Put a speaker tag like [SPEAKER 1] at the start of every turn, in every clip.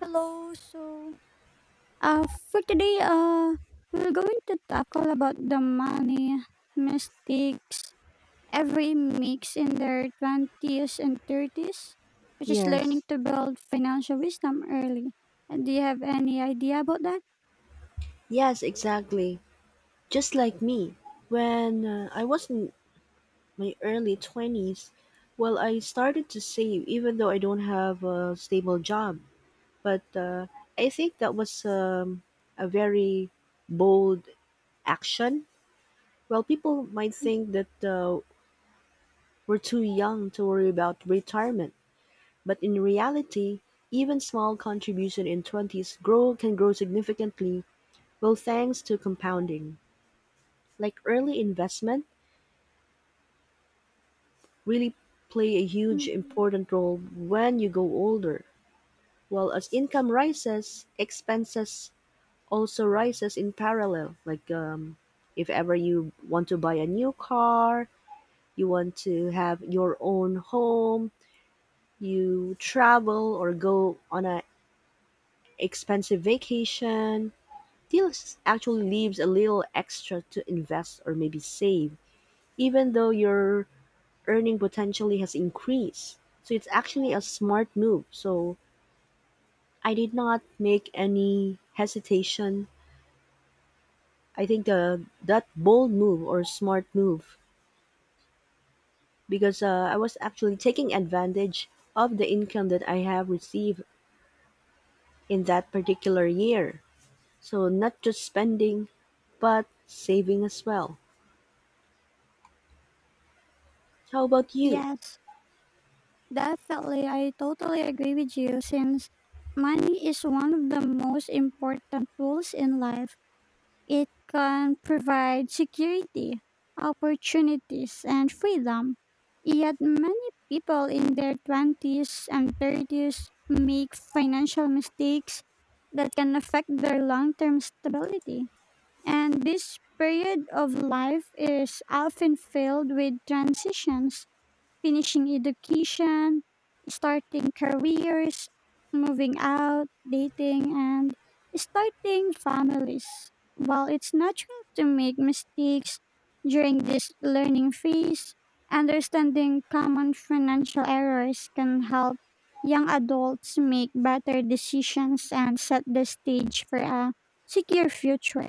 [SPEAKER 1] Hello. For today, we're going to tackle about the money mistakes every makes in their twenties and thirties, which is learning
[SPEAKER 2] Yes,
[SPEAKER 1] to build financial wisdom early. And do you have any idea about that?
[SPEAKER 2] yes, exactly. Just like me, when I was in my early 20s. Well, I started to save even though I don't have a stable job. But I think that was a very bold action. Well, people might think that we're too young to worry about retirement, but in reality, even small contribution in 20s grow can grow significantly, well, thanks to compounding. Like early investment really play a huge
[SPEAKER 1] Mm,
[SPEAKER 2] important role when you go older. Well, as income rises, expenses also rises in parallel. Like if ever you want to buy a new car, you want to have your own home, you travel or go on a expensive vacation, this actually leaves a little extra to invest or maybe save. Even though your earning potentially has increased. So it's actually a smart move. So I did not make any hesitation. I think the that bold move or smart move because I was actually taking advantage of the income that I have received in that particular year. So not just spending, but saving as well. How about you?
[SPEAKER 1] Yes, definitely. I totally agree with you. Since money is one of the most important tools in life, it can provide security, opportunities, and freedom. Yet many people in their 20s and 30s make financial mistakes that can affect their long term stability. And this period of life is often filled with transitions: finishing education, starting careers, moving out, dating, and starting families. While it's natural to make mistakes during this learning phase, understanding common financial errors can help young adults make better decisions and set the stage for a secure future.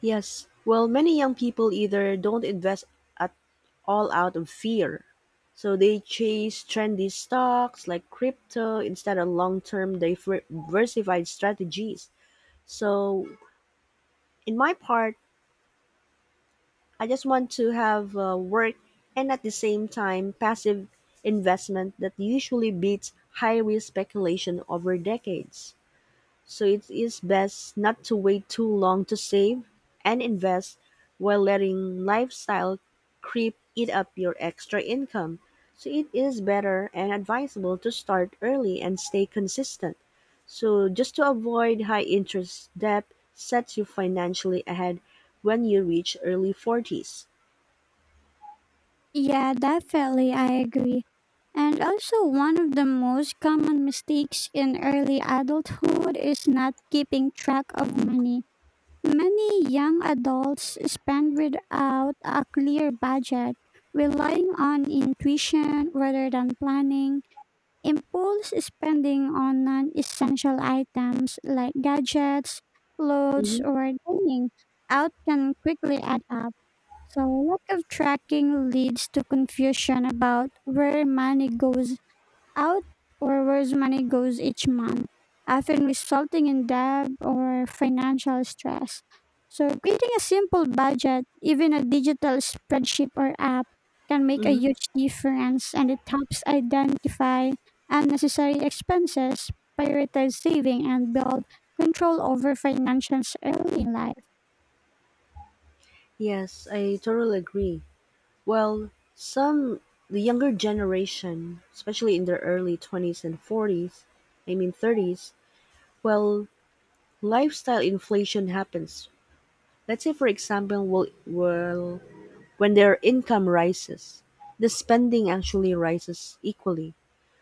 [SPEAKER 2] Yes. Well, many young people either don't invest at all out of fear. So they chase trendy stocks like crypto instead of long term diversified strategies. So, in my part, I just want to have work and at the same time passive investment that usually beats high risk speculation over decades. So it is best not to wait too long to save and invest while letting lifestyle creep eat up your extra income. So it is better and advisable to start early and stay consistent. So just to avoid high interest debt sets you financially ahead when you reach early 40s.
[SPEAKER 1] Yeah, definitely, I agree. And also, one of the most common mistakes in early adulthood is not keeping track of money. Many young adults spend without a clear budget, relying on intuition rather than planning. Impulse spending on non essential items like gadgets, clothes,
[SPEAKER 2] Mm-hmm,
[SPEAKER 1] or dining out can quickly add up. So lack of tracking leads to confusion about where money goes out, or where money goes each month, often resulting in debt or financial stress. So creating a simple budget, even a digital spreadsheet or app, can make a
[SPEAKER 2] mm-hmm.
[SPEAKER 1] huge difference, and it helps identify unnecessary expenses, prioritize saving, and build control over finances early in life.
[SPEAKER 2] Yes, I totally agree. Well, some the younger generation, especially in their early 20s and 40s, I mean 30s, well, lifestyle inflation happens. Let's say for example, well, when their income rises, the spending actually rises equally.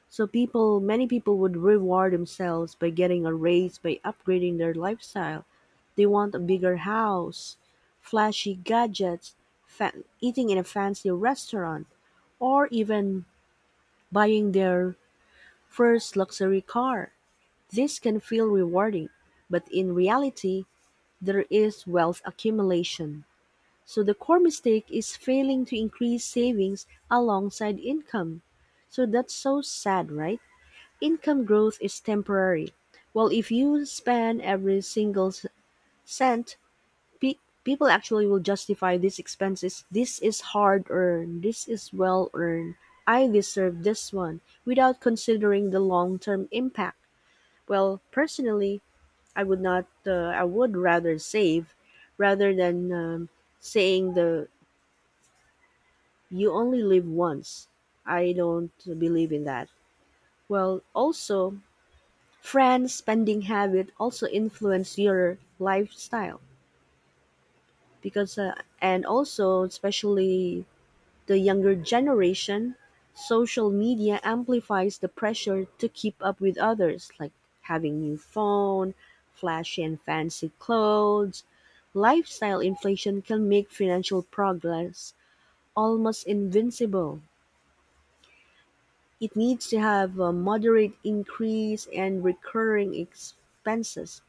[SPEAKER 2] So people many people would reward themselves by getting a raise by upgrading their lifestyle. They want a bigger house, flashy gadgets, eating in a fancy restaurant, or even buying their first luxury car. This can feel rewarding, but in reality, there is wealth accumulation. So the core mistake is failing to increase savings alongside income. So that's so sad, right? Income growth is temporary. Well, if you spend every single cent, people actually will justify these expenses. This is hard earned. This is well earned. I deserve this one without considering the long term impact. Well, personally, I would not. I would rather save rather than saying the you only live once. I don't believe in that. Well, also, friends' spending habit also influence your lifestyle because and also especially the younger generation social media amplifies the pressure to keep up with others, like having new phone, flashy and fancy clothes. Lifestyle inflation can make financial progress almost invincible. It needs to have a moderate increase, and recurring expenses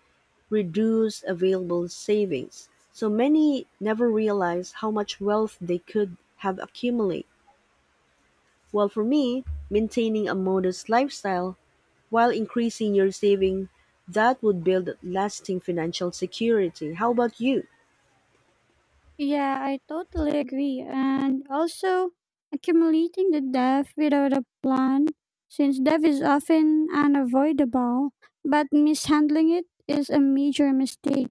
[SPEAKER 2] reduce available savings. So many never realize how much wealth they could have accumulated. While for me, maintaining a modest lifestyle while increasing your saving, that would build lasting financial security. How about you?
[SPEAKER 1] Yeah, I totally agree. And also, accumulating the debt without a plan, since debt is often unavoidable, but mishandling it is a major mistake.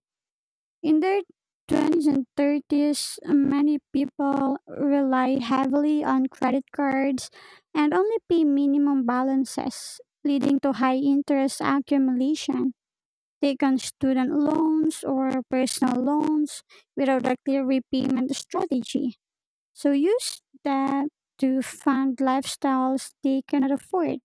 [SPEAKER 1] In their 20s and 30s, many people rely heavily on credit cards and only pay minimum balances, leading to high interest accumulation. Take on student loans or personal loans without a clear repayment strategy. So use that to fund lifestyles they cannot afford,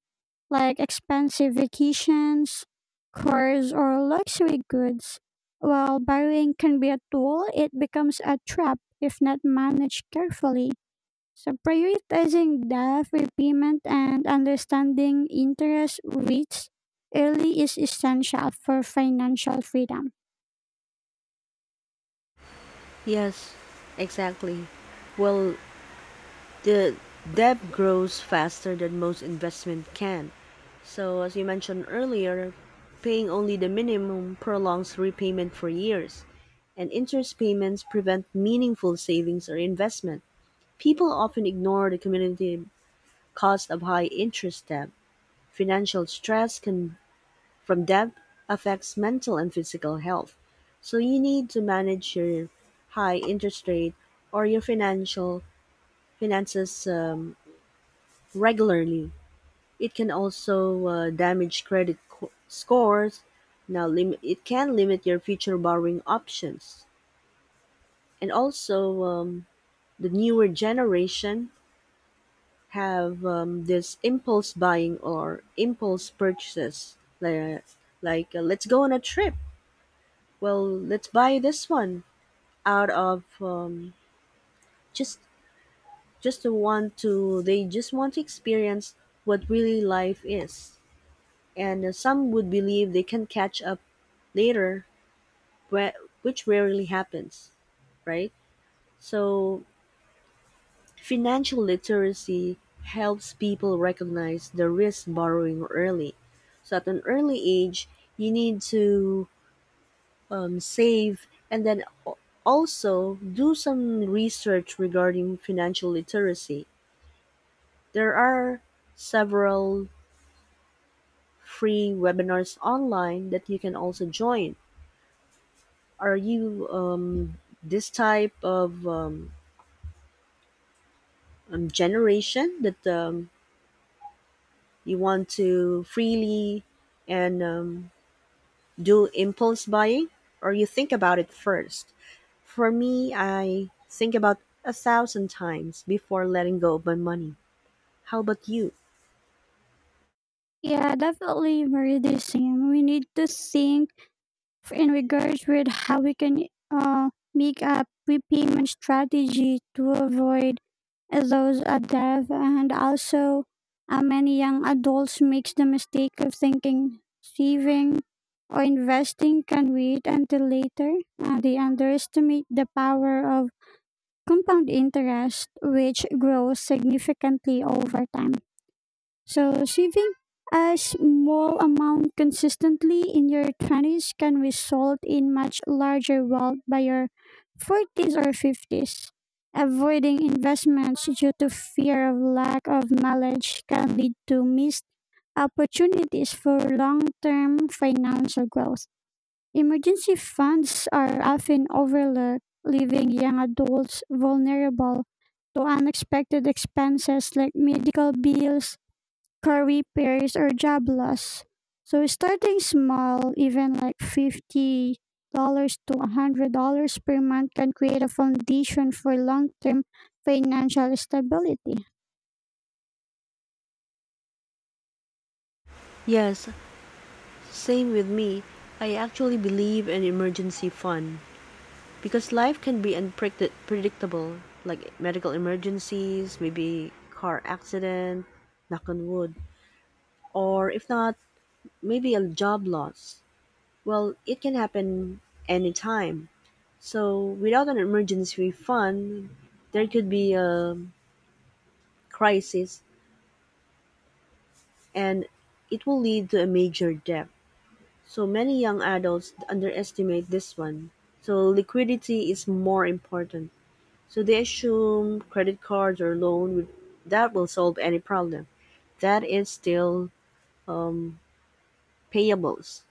[SPEAKER 1] like expensive vacations, cars, or luxury goods. While borrowing can be a tool, it becomes a trap if not managed carefully. So prioritizing debt repayment and understanding interest rates early is essential for financial freedom.
[SPEAKER 2] Yes, exactly. Well, the debt grows faster than most investment can. So, as you mentioned earlier, paying only the minimum prolongs repayment for years, and interest payments prevent meaningful savings or investment. People often ignore the community cost of high interest debt. Financial stress can, from debt, affects mental and physical health. So you need to manage your high interest rate or your financial finances regularly. It can also damage credit scores. Now, it can limit your future borrowing options. And also, the newer generation have this impulse buying or impulse purchases. Like, let's go on a trip. Well, let's buy this one out of just just to want to. They just want to experience what really life is. And some would believe they can catch up later, whe- which rarely happens, right? So, financial literacy helps people recognize the risk borrowing early. So, at an early age, you need to save and then also do some research regarding financial literacy. There are several free webinars online that you can also join. Are you this type of generation that you want to freely and do impulse buying, or you think about it first? For me, I think about a thousand times before letting go of my money. How about you?
[SPEAKER 1] Yeah, definitely, very the same. We need to think in regards with how we can make a prepayment strategy to avoid those debt. And also, many young adults makes the mistake of thinking saving or investing can wait until later. They underestimate the power of compound interest, which grows significantly over time. So saving a small amount consistently in your 20s can result in much larger wealth by your 40s or 50s. Avoiding investments due to fear of lack of knowledge can lead to missed opportunities for long term financial growth. Emergency funds are often overlooked, leaving young adults vulnerable to unexpected expenses like medical bills, curry pairs, or jablas. So starting small, even like $50 to $100 per month, can create a foundation for long term financial stability.
[SPEAKER 2] Yes, same with me. I actually believe in emergency fund because life can be unpredictable, like medical emergencies, maybe car accident, knock on wood, or if not, maybe a job loss. Well, it can happen anytime. So, without an emergency fund, there could be a crisis and it will lead to a major debt. So, many young adults underestimate this one. So, liquidity is more important. So they assume credit cards or loan with, that will solve any problem. That is still um, payables.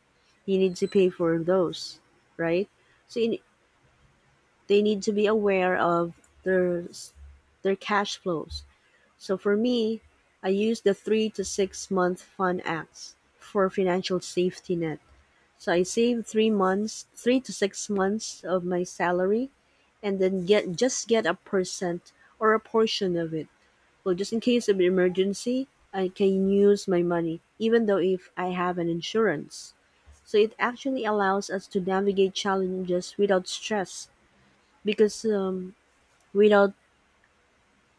[SPEAKER 2] You need to pay for those, right? So you, they need to be aware of their their cash flows. So for me, I use the 3 to 6 month fund acts for financial safety net. So I save 3 months, 3 to 6 months of my salary, and then get just get a percent or a portion of it, well, just in case of emergency, I can use my money, even though if I have an insurance. So it actually allows us to navigate challenges without stress, because without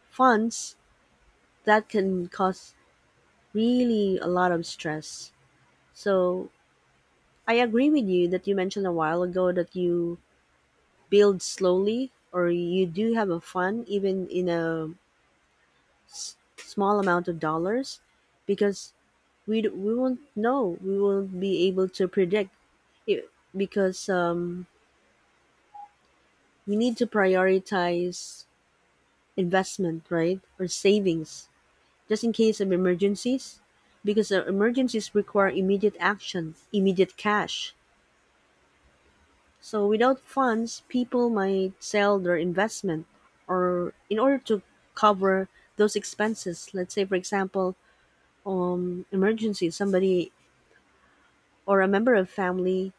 [SPEAKER 2] funds, that can cause really a lot of stress. So I agree with you that you mentioned a while ago that you build slowly, or you do have a fund even in a small amount of dollars, because we won't be able to predict it because we need to prioritize investment right or savings just in case of emergencies, because emergencies require immediate action, immediate cash. So without funds, people might sell their investment or in order to cover those expenses. Let's say for example, emergency, somebody or a member of family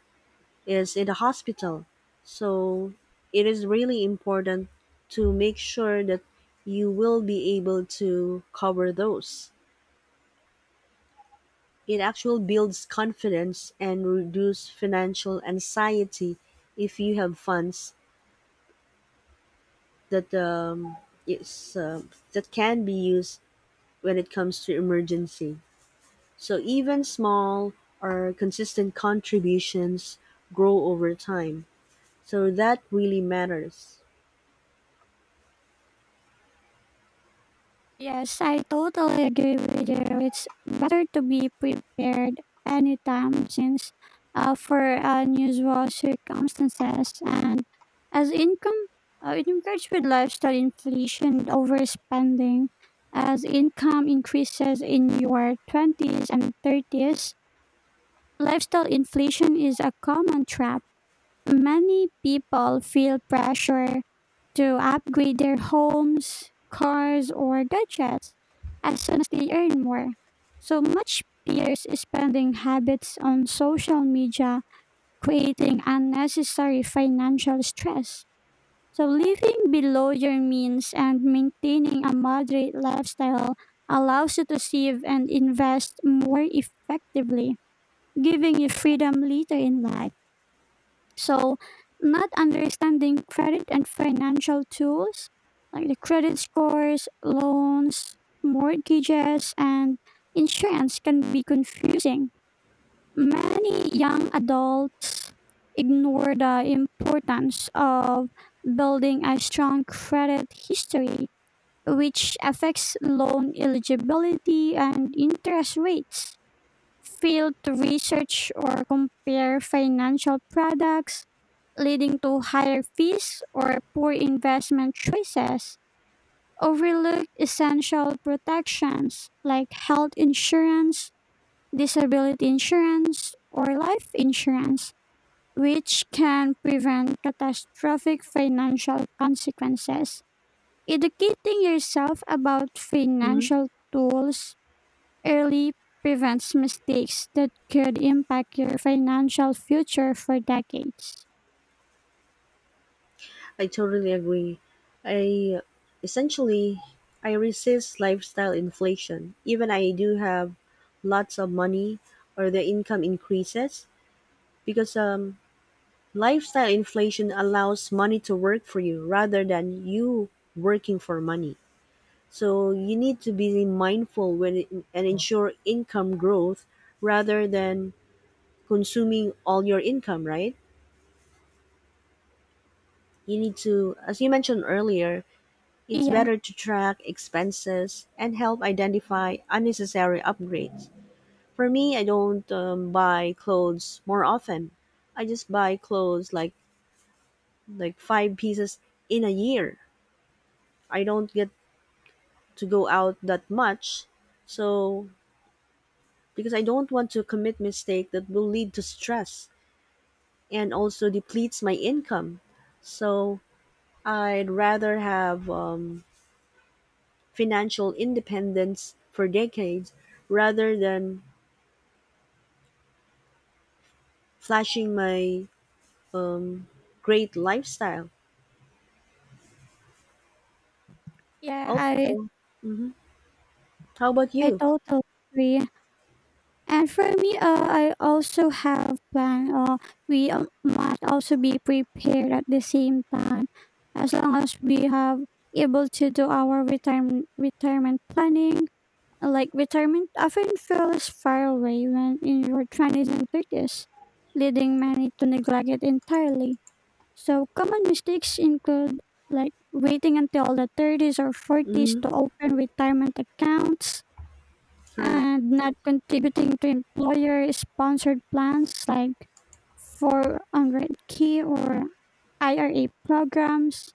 [SPEAKER 2] is in the hospital. So it is really important to make sure that you will be able to cover those. It actually builds confidence and reduce financial anxiety if you have funds that is that can be used when it comes to emergency. So even small or consistent contributions grow over time. So that really matters.
[SPEAKER 1] Yes, I totally agree with you. It's better to be prepared anytime, since for unusual circumstances. And as income, it encouraged with lifestyle inflation overspending. As income increases in your 20s and 30s, lifestyle inflation is a common trap. Many people feel pressure to upgrade their homes, cars, or gadgets as soon as they earn more. So much peers spending habits on social media, creating unnecessary financial stress. So living below your means and maintaining a moderate lifestyle allows you to save and invest more effectively, giving you freedom later in life. So, not understanding credit and financial tools like the credit scores, loans, mortgages, and insurance can be confusing. Many young adults ignore the importance of building a strong credit history, which affects loan eligibility and interest rates, failed to research or compare financial products, leading to higher fees or poor investment choices, overlook essential protections like health insurance, disability insurance, or life insurance, which can prevent catastrophic financial consequences. Educating yourself about
[SPEAKER 2] Mhm.
[SPEAKER 1] financial tools early prevents mistakes that could impact your financial future for decades.
[SPEAKER 2] I totally agree. I essentially I resist lifestyle inflation. Even I do have lots of money or the income increases because lifestyle inflation allows money to work for you rather than you working for money. So you need to be mindful when it, and ensure income growth rather than consuming all your income, right? You need to, as you mentioned earlier, it's
[SPEAKER 1] Yeah,
[SPEAKER 2] better to track expenses and help identify unnecessary upgrades. For me, I don't buy clothes more often. I just buy clothes like five pieces in a year. I don't get to go out that much, so because I don't want to commit mistake that will lead to stress and also depletes my income. So I'd rather have financial independence for decades rather than flashing my um, great lifestyle.
[SPEAKER 1] yeah, I
[SPEAKER 2] Also, hmm, how about
[SPEAKER 1] I
[SPEAKER 2] you?
[SPEAKER 1] totally agree. And for me, I also have plan. We must also be prepared at the same time. As long as we have able to do our retirement planning, like retirement often feels far away when in your twenties and thirties, leading many to neglect it entirely. So common mistakes include like waiting until the 30s or 40s
[SPEAKER 2] Hmm.
[SPEAKER 1] to open retirement accounts,
[SPEAKER 2] Correct.
[SPEAKER 1] and not contributing to employer sponsored plans like 400 k or IRA programs,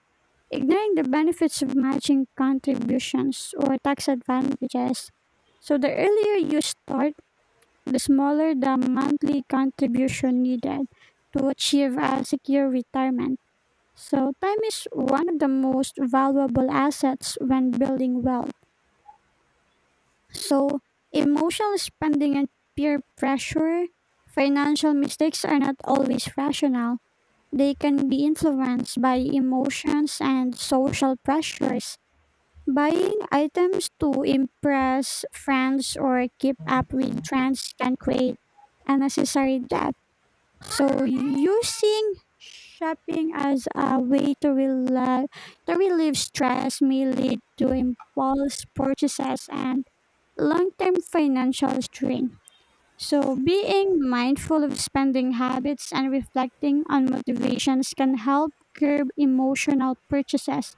[SPEAKER 1] ignoring the benefits of matching contributions or tax advantages. So the earlier you start, the smaller the monthly contribution needed to achieve a secure retirement. So, time is one of the most valuable assets when building wealth. So, emotional spending and peer pressure, financial mistakes are not always rational. They can be influenced by emotions and social pressures. Buying items to impress friends or keep up with trends can create unnecessary debt. So using shopping as a way to rela to relieve stress may lead to impulse purchases and long-term financial strain. So being mindful of spending habits and reflecting on motivations can help curb emotional purchases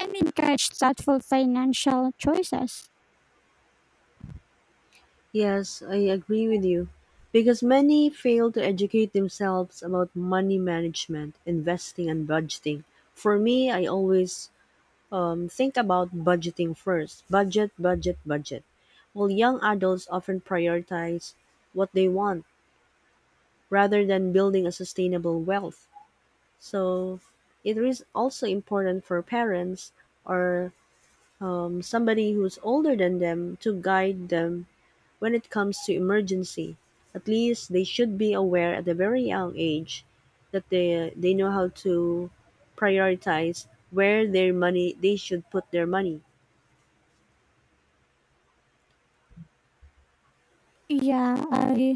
[SPEAKER 1] and encourage thoughtful financial choices.
[SPEAKER 2] Yes, I agree with you. Because many fail to educate themselves about money management, investing, and budgeting. For me, I always think about budgeting first, budget, budget, budget. While young adults often prioritize what they want rather than building a sustainable wealth. So it is also important for parents or somebody who's older than them to guide them when it comes to emergency. At least they should be aware at a very young age that they know how to prioritize where their money they should put their money.
[SPEAKER 1] Yeah, I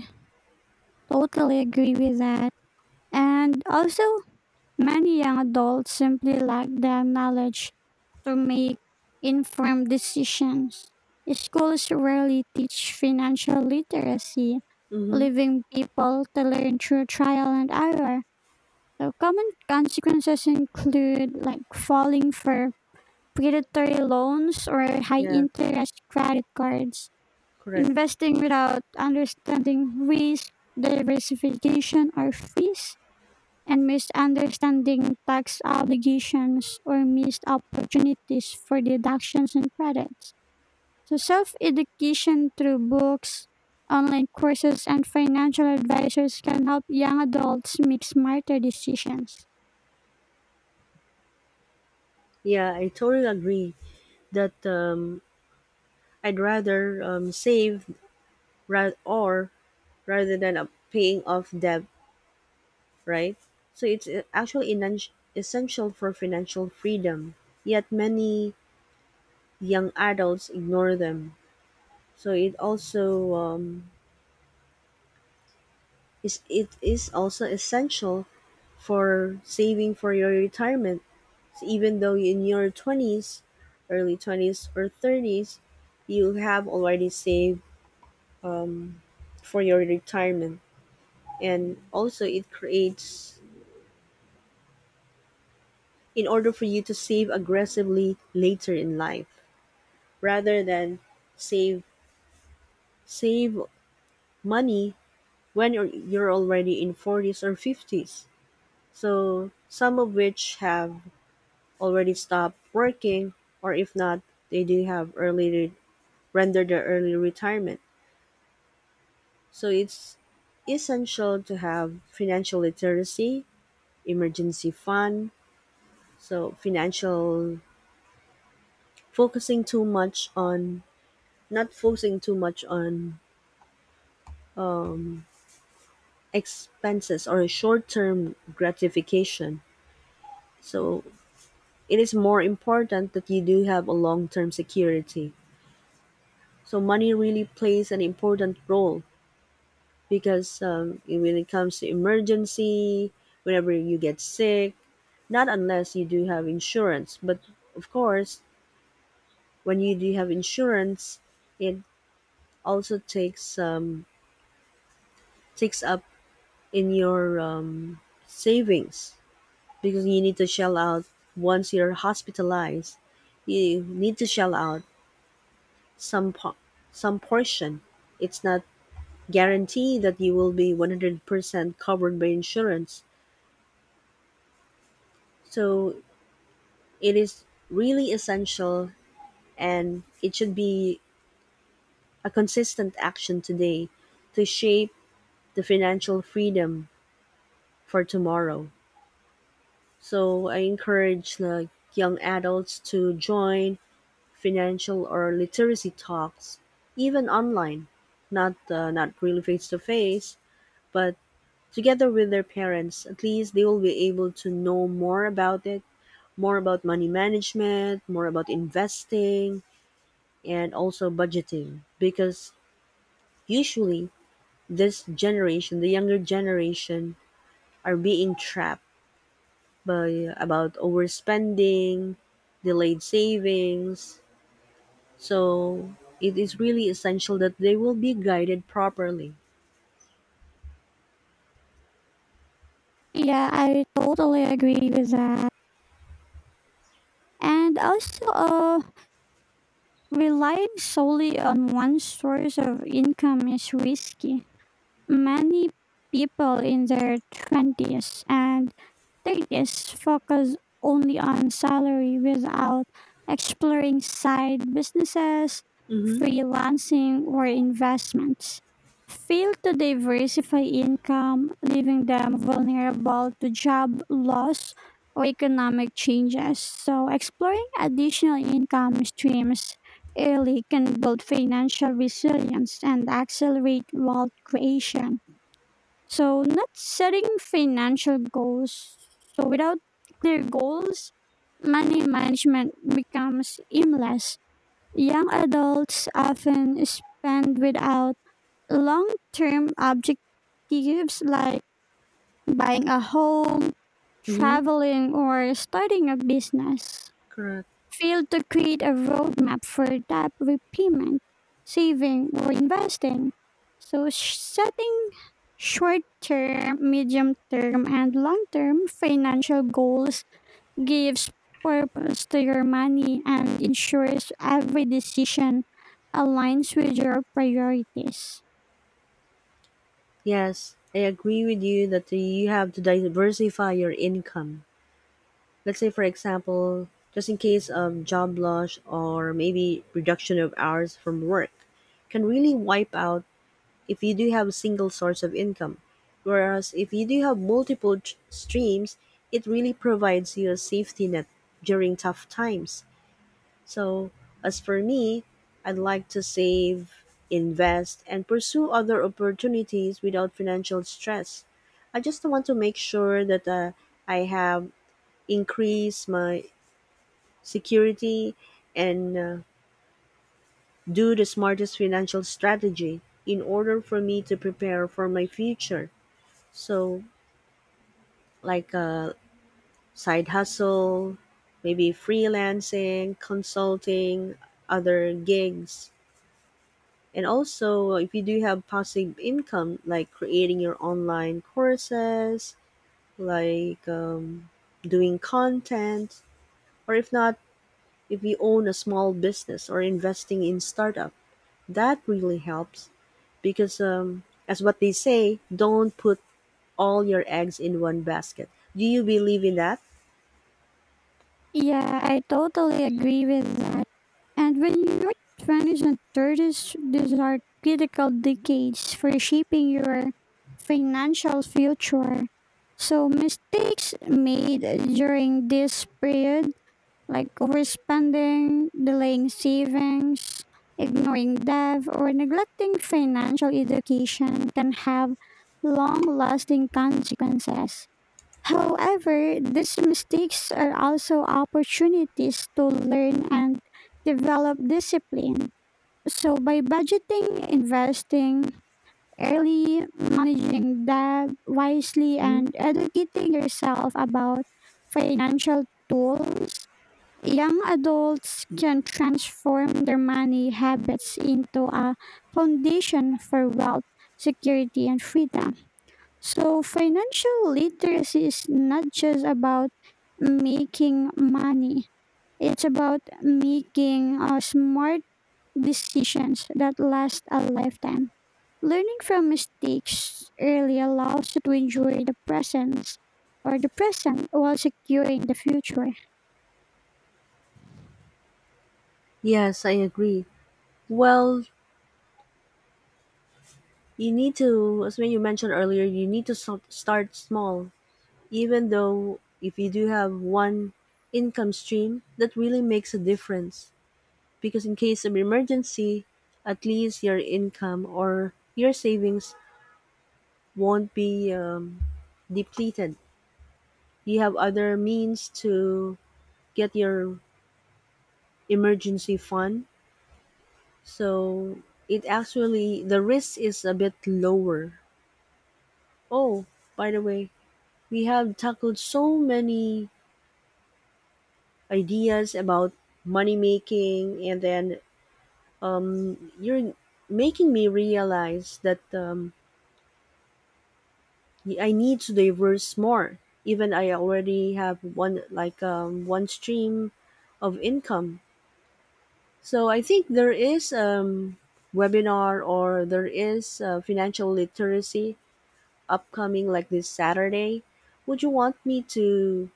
[SPEAKER 1] totally agree with that. And also, many young adults simply lack the knowledge to make informed decisions. Schools rarely teach financial literacy,
[SPEAKER 2] Mm-hmm.
[SPEAKER 1] leaving people to learn through trial and error. So common consequences include like falling for predatory loans or high
[SPEAKER 2] Yeah,
[SPEAKER 1] interest credit cards,
[SPEAKER 2] correct.
[SPEAKER 1] investing without understanding risk, diversification, or fees, and misunderstanding tax obligations or missed opportunities for deductions and credits. So, self education through books, online courses, and financial advisors can help young adults make smarter decisions.
[SPEAKER 2] Yeah, I totally agree that I'd rather save ra- or rather than paying off debt, right? So it's actually essential for financial freedom. Yet many young adults ignore them. So it also is it is also essential for saving for your retirement. So even though in your twenties, early 20s or thirties, you have already saved for your retirement. And also it creates in order for you to save aggressively later in life, rather than save save money when you're already in 40s or 50s. So some of which have already stopped working, or if not, they do have rendered their early retirement. So it's essential to have financial literacy, emergency fund, so financial focusing too much on not focusing too much on um, expenses or a short-term gratification. So it is more important that you do have a long-term security. So money really plays an important role because when it comes to emergency, whenever you get sick, not unless you do have insurance. But of course, when you do have insurance, it also takes takes up in your savings, because you need to shell out. Once you're hospitalized you need to shell out some some portion. It's not guaranteed that you will be 100% covered by insurance, so it is really essential, and it should be a consistent action today to shape the financial freedom for tomorrow. So I encourage like young adults to join financial or literacy talks, even online, not not really face to face, but together with their parents. At least they will be able to know more about it, more about money management, more about investing, and also budgeting. Because usually this generation, the younger generation, are being trapped by about overspending, delayed savings. So it is really essential that they will be guided properly.
[SPEAKER 1] Yeah, I totally agree with that. And also, relying solely on one source of income is risky. Many people in their 20s and, they just focus only on salary without exploring side businesses,
[SPEAKER 2] Mm-hmm.
[SPEAKER 1] freelancing, or investments. Fail to diversify income, leaving them vulnerable to job loss or economic changes. So, exploring additional income streams early can build financial resilience and accelerate wealth creation. So, not setting financial goals. So, without clear goals, money management becomes aimless. Young adults often spend without long term objectives like buying a home,
[SPEAKER 2] Mm-hmm.
[SPEAKER 1] traveling, or starting a business,
[SPEAKER 2] Correct.
[SPEAKER 1] failed to create a roadmap for debt repayment, saving, or investing. So, setting short term, medium term, and long term financial goals gives purpose to your money and ensures every decision aligns with your priorities.
[SPEAKER 2] Yes, I agree with you that you have to diversify your income. Let's say, for example, just in case of job loss or maybe reduction of hours from work, can really wipe out if you do have a single source of income. Whereas if you do have multiple streams, it really provides you a safety net during tough times. So, as for me, I'd like to save, invest, and pursue other opportunities without financial stress. I just want to make sure that I have increased my security, and do the smartest financial strategy in order for me to prepare for my future. So, like a side hustle, maybe freelancing, consulting, other gigs. And also, if you do have passive income, like creating your online courses, like doing content, or if not, if you own a small business or investing in startup, that really helps because, as what they say, don't put all your eggs in one basket. Do you believe in that?
[SPEAKER 1] Yeah, I totally agree with that. And when your 20s and 30s, these are critical decades for shaping your financial future. So, mistakes made during this period, like overspending, delaying savings, ignoring debt, or neglecting financial education, can have long lasting consequences. However, these mistakes are also opportunities to learn and develop discipline. So, by budgeting, investing early, managing debt wisely,
[SPEAKER 2] Mhm.
[SPEAKER 1] and educating yourself about financial tools, young adults can transform their money habits into a foundation for wealth, security, and freedom. So, financial literacy is not just about making money, it's about making smart decisions that last a lifetime. Learning from mistakes early allows you to enjoy the present while securing the future.
[SPEAKER 2] Yes, I agree. Well, you need to, as when you mentioned earlier, you need to start small. Even though if you do have one income stream, that really makes a difference, because in case of emergency at least your income or your savings won't be depleted. You have other means to get your emergency fund, so it actually the risk is a bit lower. Oh, by the way, we have tackled so many ideas about money making, and then you're making me realize that I need to diverse more. Even I already have one like one stream of income. So I think there is webinar or there is financial literacy upcoming like this Saturday. Would you want me to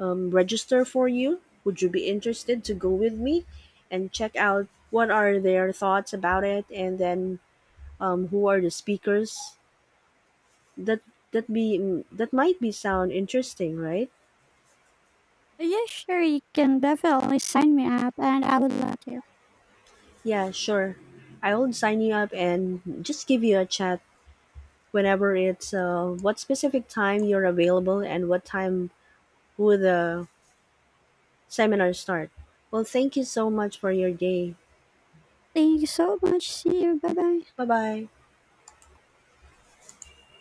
[SPEAKER 2] register for you? Would you be interested to go with me and check out what are their thoughts about it, and then who are the speakers. That that be that might be sound interesting, right?
[SPEAKER 1] Yeah, sure, you can definitely sign me up and I would love to.
[SPEAKER 2] Yeah, sure. I'll sign you up and just give you a chat whenever it's what specific time you're available and what time will the seminar start. Well, thank you so much for your day.
[SPEAKER 1] Thank you so much. See you. Bye bye.
[SPEAKER 2] Bye bye.